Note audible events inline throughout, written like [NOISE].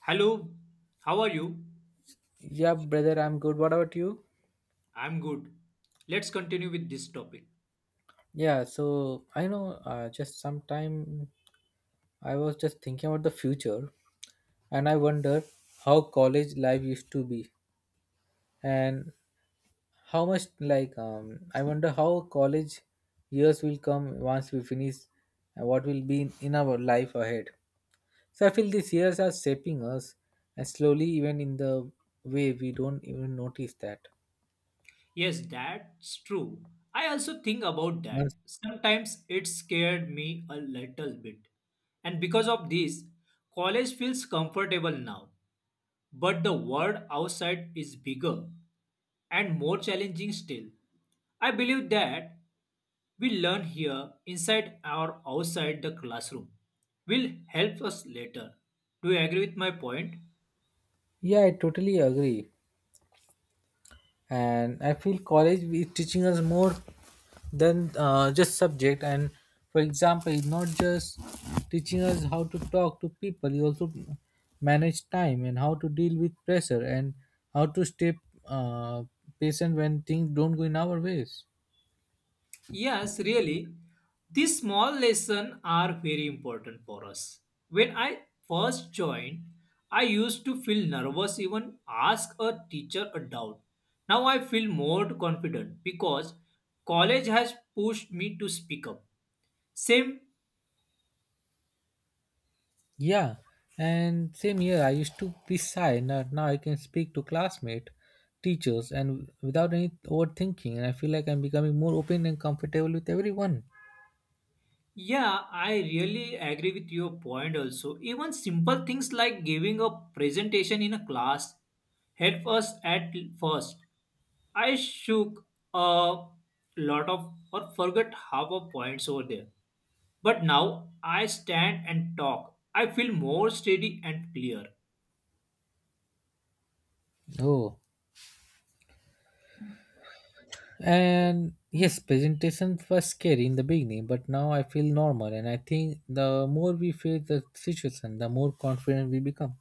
Hello, how are you? Yeah, brother, I'm good. What about you? I'm good. Let's continue with this topic. Yeah, so I know just sometime I was just thinking about the future, and I wonder how college life used to be, and how much like I wonder how college years will come once we finish and what will be in our life ahead. So I feel these years are shaping us, and slowly, even in the way, we don't even notice that. Yes, that's true. I also think about that. Once- Sometimes it scared me a little bit. And because of this, college feels comfortable now. But the world outside is bigger and more challenging still. I believe that we learn here inside or outside the classroom will help us later. Do you agree with my point? Yeah, I totally agree. And I feel college is teaching us more than just subject. And for example, it's not just teaching us how to talk to people, you also manage time and how to deal with pressure and how to stay uh, patient when things don't go in our ways. Yes, really. These small lessons are very important for us. When I first joined, I used to feel nervous, even ask a teacher a doubt. Now I feel more confident because college has pushed me to speak up. Same, Yeah, and same here, I used to be shy. Now I can speak to classmate, teachers, and without any overthinking, and I feel like I'm becoming more open and comfortable with everyone. yeah, I really agree with your point also. Even simple things like giving a presentation in a class help us at first I shook a lot of or forgot half of points over there. But now I stand and talk. I feel more steady and clear. Oh, and yes, presentations were scary in the beginning, but now I feel normal. And I think the more we face the situation, the more confident we become.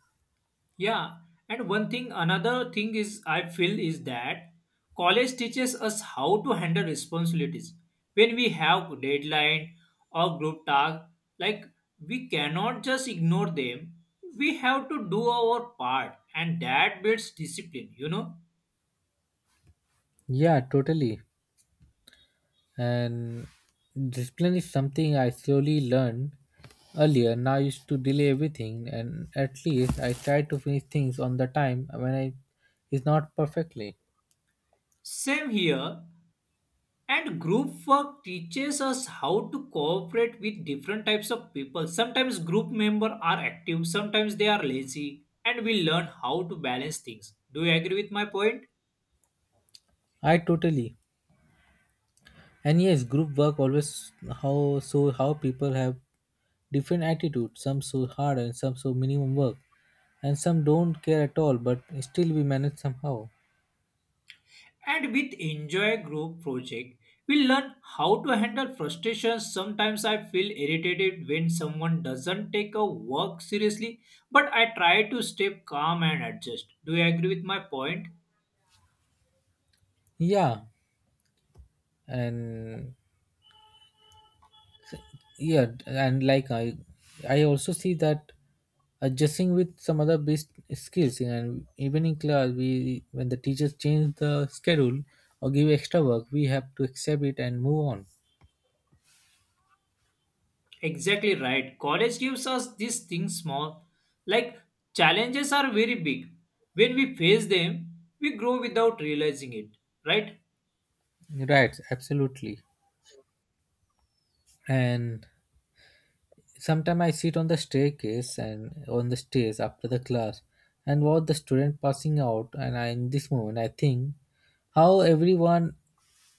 Yeah. And one thing, another thing is I feel is that college teaches us how to handle responsibilities. When we have deadline or group task, like we cannot just ignore them. We have to do our part and that builds discipline, you know. Yeah, totally. And discipline is something I slowly learned earlier. Now I used to delay everything, and at least I try to finish things on the time when I is not perfectly. Same here. And group work teaches us how to cooperate with different types of people. Sometimes group members are active, sometimes they are lazy, and we learn how to balance things. Do you agree with my point? I totally. And yes, group work always, how so, how people have different attitudes. Some so hard and some so minimum work, and some don't care at all, but still we manage somehow. And with Enjoy Group project, we learn how to handle frustrations. Sometimes I feel irritated when someone doesn't take a work seriously, but I try to stay calm and adjust. Do you agree with my point? Yeah, and yeah, and like I also see that adjusting with some other best skills. And even in class, we, when the teachers change the schedule or give extra work, we have to accept it and move on. Exactly right. College gives us these things small, like challenges are very big. When we face them, we grow without realizing it, right? Right, absolutely. And sometimes I sit on the staircase and on the stairs after the class and watch the student passing out. And I, in this moment, I think how everyone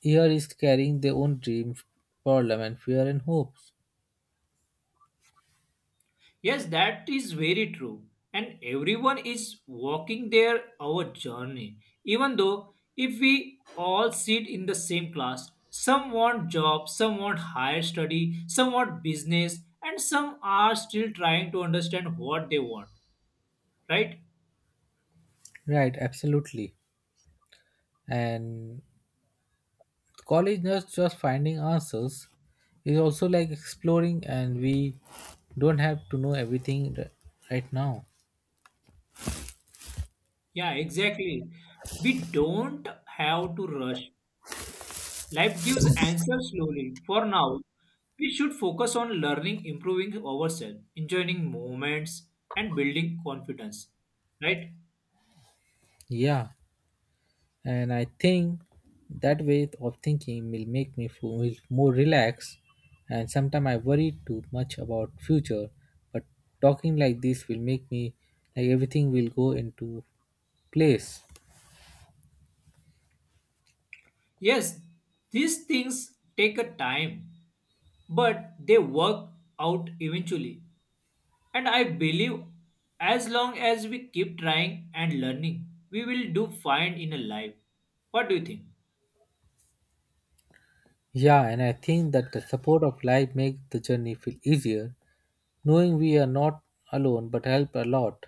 here is carrying their own dreams, problem, and fear and hopes. Yes, that is very true. And everyone is walking their our journey. Even though if we all sit in the same class, some want job, some want higher study, some want business, and some are still trying to understand what they want, right? Right, absolutely. And college not just finding answers is also like exploring, and we don't have to know everything right now. Yeah, exactly. We don't have to rush. Life gives answers slowly. For now, we should focus on learning, improving ourselves, enjoying moments, and building confidence. Right? Yeah, and I think that way of thinking will make me feel more relaxed. And sometimes I worry too much about future, but talking like this will make me like everything will go into place. Yes, these things take a time, but they work out eventually. And I believe as long as we keep trying and learning, we will do fine in a life. What do you think? Yeah, and I think that the support of life makes the journey feel easier, knowing we are not alone but help a lot.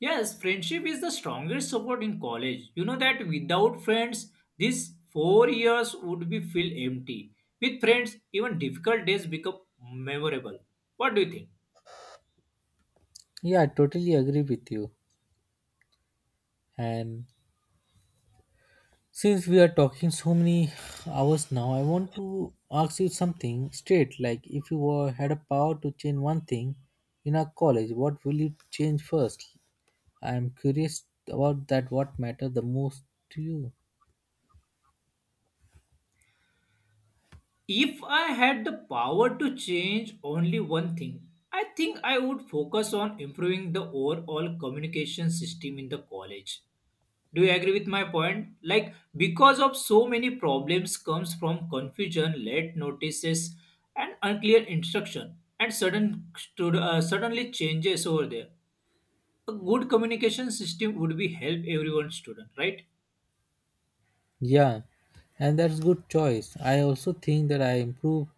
Yes, friendship is the strongest support in college. You know that without friends, these 4 years would be feel empty. With friends, even difficult days become memorable. What do you think? Yeah, I totally agree with you. And since we are talking so many hours now, I want to ask you something straight. Like, if you were, had a power to change one thing in our college, what will you change first? I am curious about that. What matters the most to you? If I had the power to change only one thing, I think I would focus on improving the overall communication system in the college. Do you agree with my point, like because of so many problems comes from confusion, late notices and unclear instruction and suddenly changes over there? A good communication system would be help everyone student, right? Yeah, and that's good choice. I also think that I improve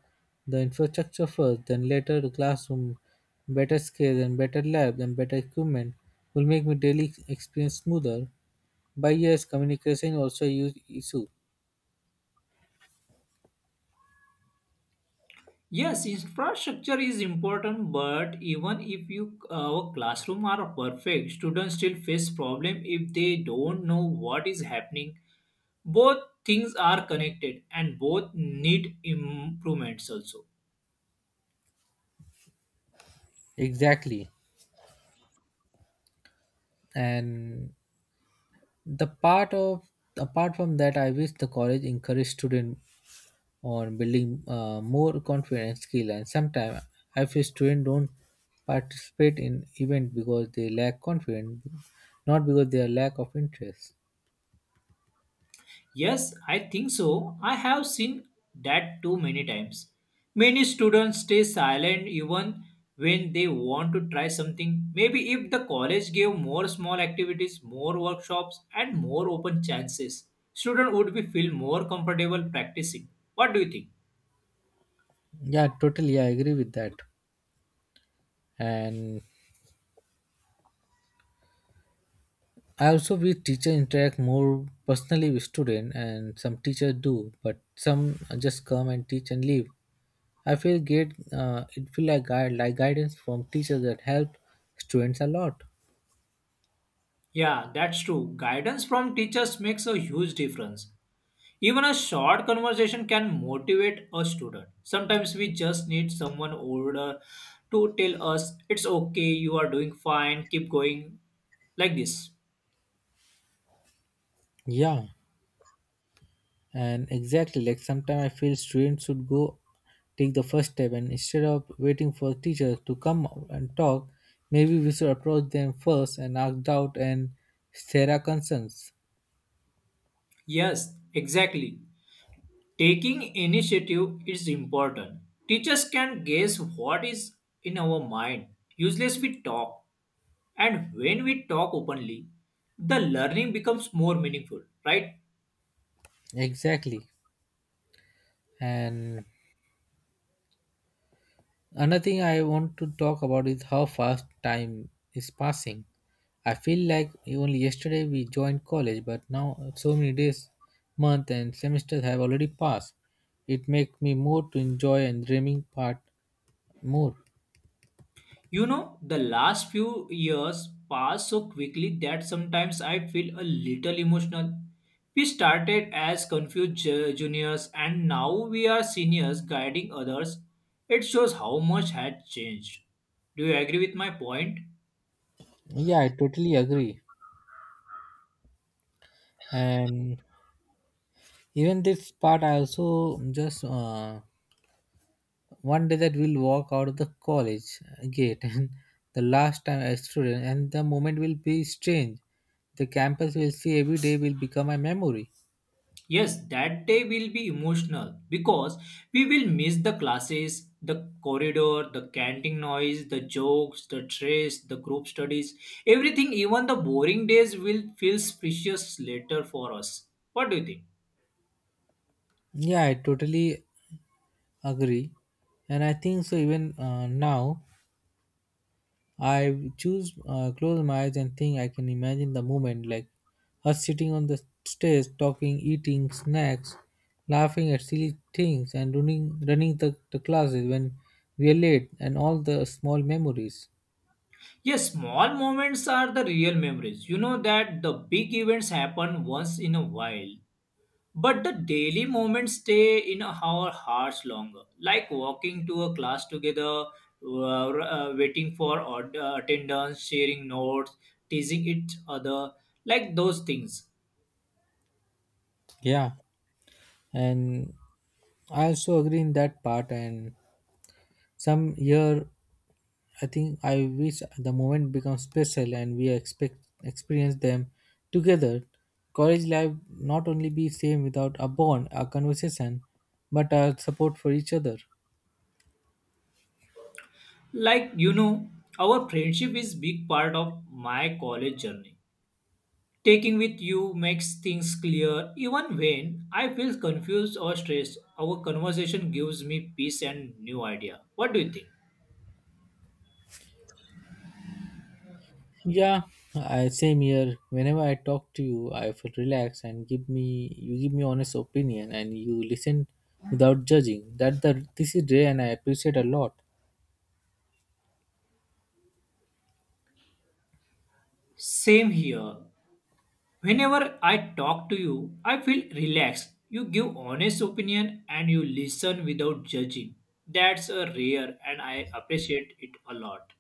the infrastructure first, then later the classroom, better scale, and better lab, and better equipment will make my daily experience smoother. By years, communication also a huge issue. Yes, infrastructure is important, but even if you our classroom are perfect, students still face problem if they don't know what is happening. Both things are connected and both need improvements also. Exactly. And the part of, apart from that, I wish the college encourage student on building more confidence skill. And sometimes I feel student don't participate in event because they lack confidence, not because they are lack of interest. Yes, I think so. I have seen that too many times. Many students stay silent even when they want to try something. Maybe if the college gave more small activities, more workshops, and more open chances, students would be feel more comfortable practicing. What do you think? Yeah, totally. I agree with that. And I also wish teacher interact more personally with student, and some teachers do, but some just come and teach and leave. I feel get it feel like guide, like guidance from teachers that help students a lot. Yeah, that's true. Guidance from teachers makes a huge difference. Even a short conversation can motivate a student. Sometimes we just need someone older to tell us it's okay, you are doing fine, keep going like this. Yeah, and exactly, like sometimes I feel students should go take the first step, and instead of waiting for teachers to come out and talk, maybe we should approach them first and ask doubt and share our concerns. Yes, exactly. Taking initiative is important. Teachers can guess what is in our mind. Useless we talk, and when we talk openly, the learning becomes more meaningful, right? Exactly, and another thing I want to talk about is how fast time is passing. I feel like only yesterday we joined college, but now so many days, month, and semesters have already passed. It makes me more to enjoy and dreaming part more. You know, the last few years passed so quickly that sometimes I feel a little emotional. We started as confused juniors and now we are seniors guiding others. It shows how much had changed. Do you agree with my point? Yeah, I totally agree. And even this part, I also just one day that we'll walk out of the college gate [LAUGHS] and the last time a student, and the moment will be strange, the campus we'll see every day will become a memory. Yes, that day will be emotional because we will miss the classes, the corridor, the canteen noise, the jokes, the stress, the group studies, everything, even the boring days will feel precious later for us. What do you think? Yeah, I totally agree. And I think so, even now I choose close my eyes and think I can imagine the moment, like us sitting on the stairs, talking, eating snacks, laughing at silly things, and running the classes when we are late, and all the small memories. Yes, small moments are the real memories. You know that the big events happen once in a while. But the daily moments stay in our hearts longer, like walking to a class together, waiting for attendance, sharing notes, teasing each other, like those things. Yeah, and I also agree in that part. And some year, I think I wish the moment becomes special, and we expect experience them together. College life not only be same without a bond, a conversation, but a support for each other. Like, you know, our friendship is big part of my college journey. Taking with you makes things clear. Even when I feel confused or stressed, our conversation gives me peace and new idea. What do you think? Yeah, I, same here. Whenever I talk to you, I feel relaxed and give me you give me honest opinion, and you listen without judging. That the this is rare, and I appreciate a lot. Same here. Whenever I talk to you, I feel relaxed. You give honest opinion and you listen without judging. That's a rare and I appreciate it a lot.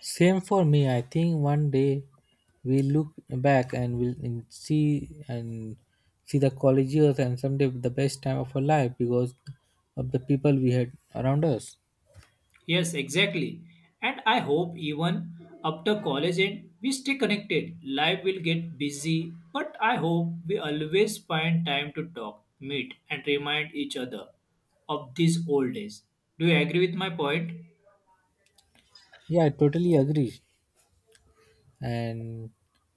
Same for me. I think one day we look back, and we'll and see the college years and someday the best time of our life because of the people we had around us. Yes, exactly. And I hope even after college end, we stay connected. Life will get busy, but I hope we always find time to talk, meet, and remind each other of these old days. Do you agree with my point? Yeah, I totally agree. And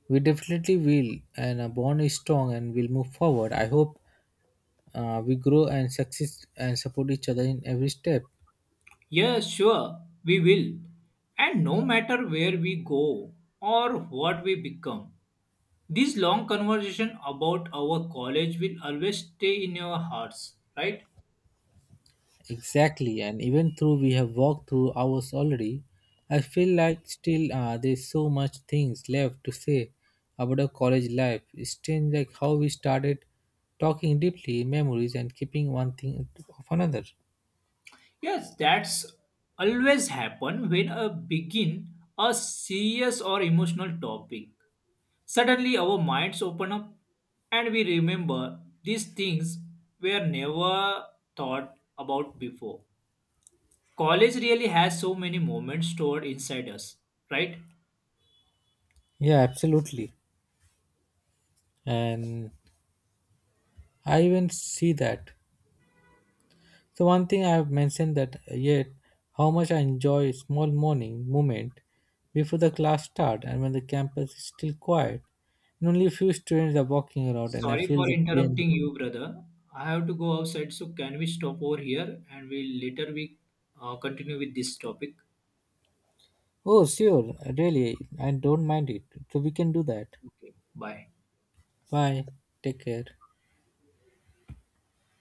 we definitely will. And a bond is strong and we'll move forward. I hope we grow and succeed and support each other in every step. Yeah, sure, we will. And no matter where we go or what we become, this long conversation about our college will always stay in your hearts, right? Exactly, and even though we have walked through hours already, I feel like still there's so much things left to say about our college life. It's strange like how we started talking deeply memories and keeping one thing of another. Yes, that's always happen when a begin a serious or emotional topic. Suddenly our minds open up and we remember these things were never thought about before. College really has so many moments stored inside us, right? Yeah, absolutely. And I even see that, so one thing I have mentioned that yet, how much I enjoy small morning moment before the class start, and when the campus is still quiet and only a few students are walking around, and I Sorry feel for the pain. interrupting you, brother. I have to go outside, so can we stop over here and we'll later we continue with this topic? Oh sure, really, I don't mind it. So we can do that. Okay, bye. Bye. Take care.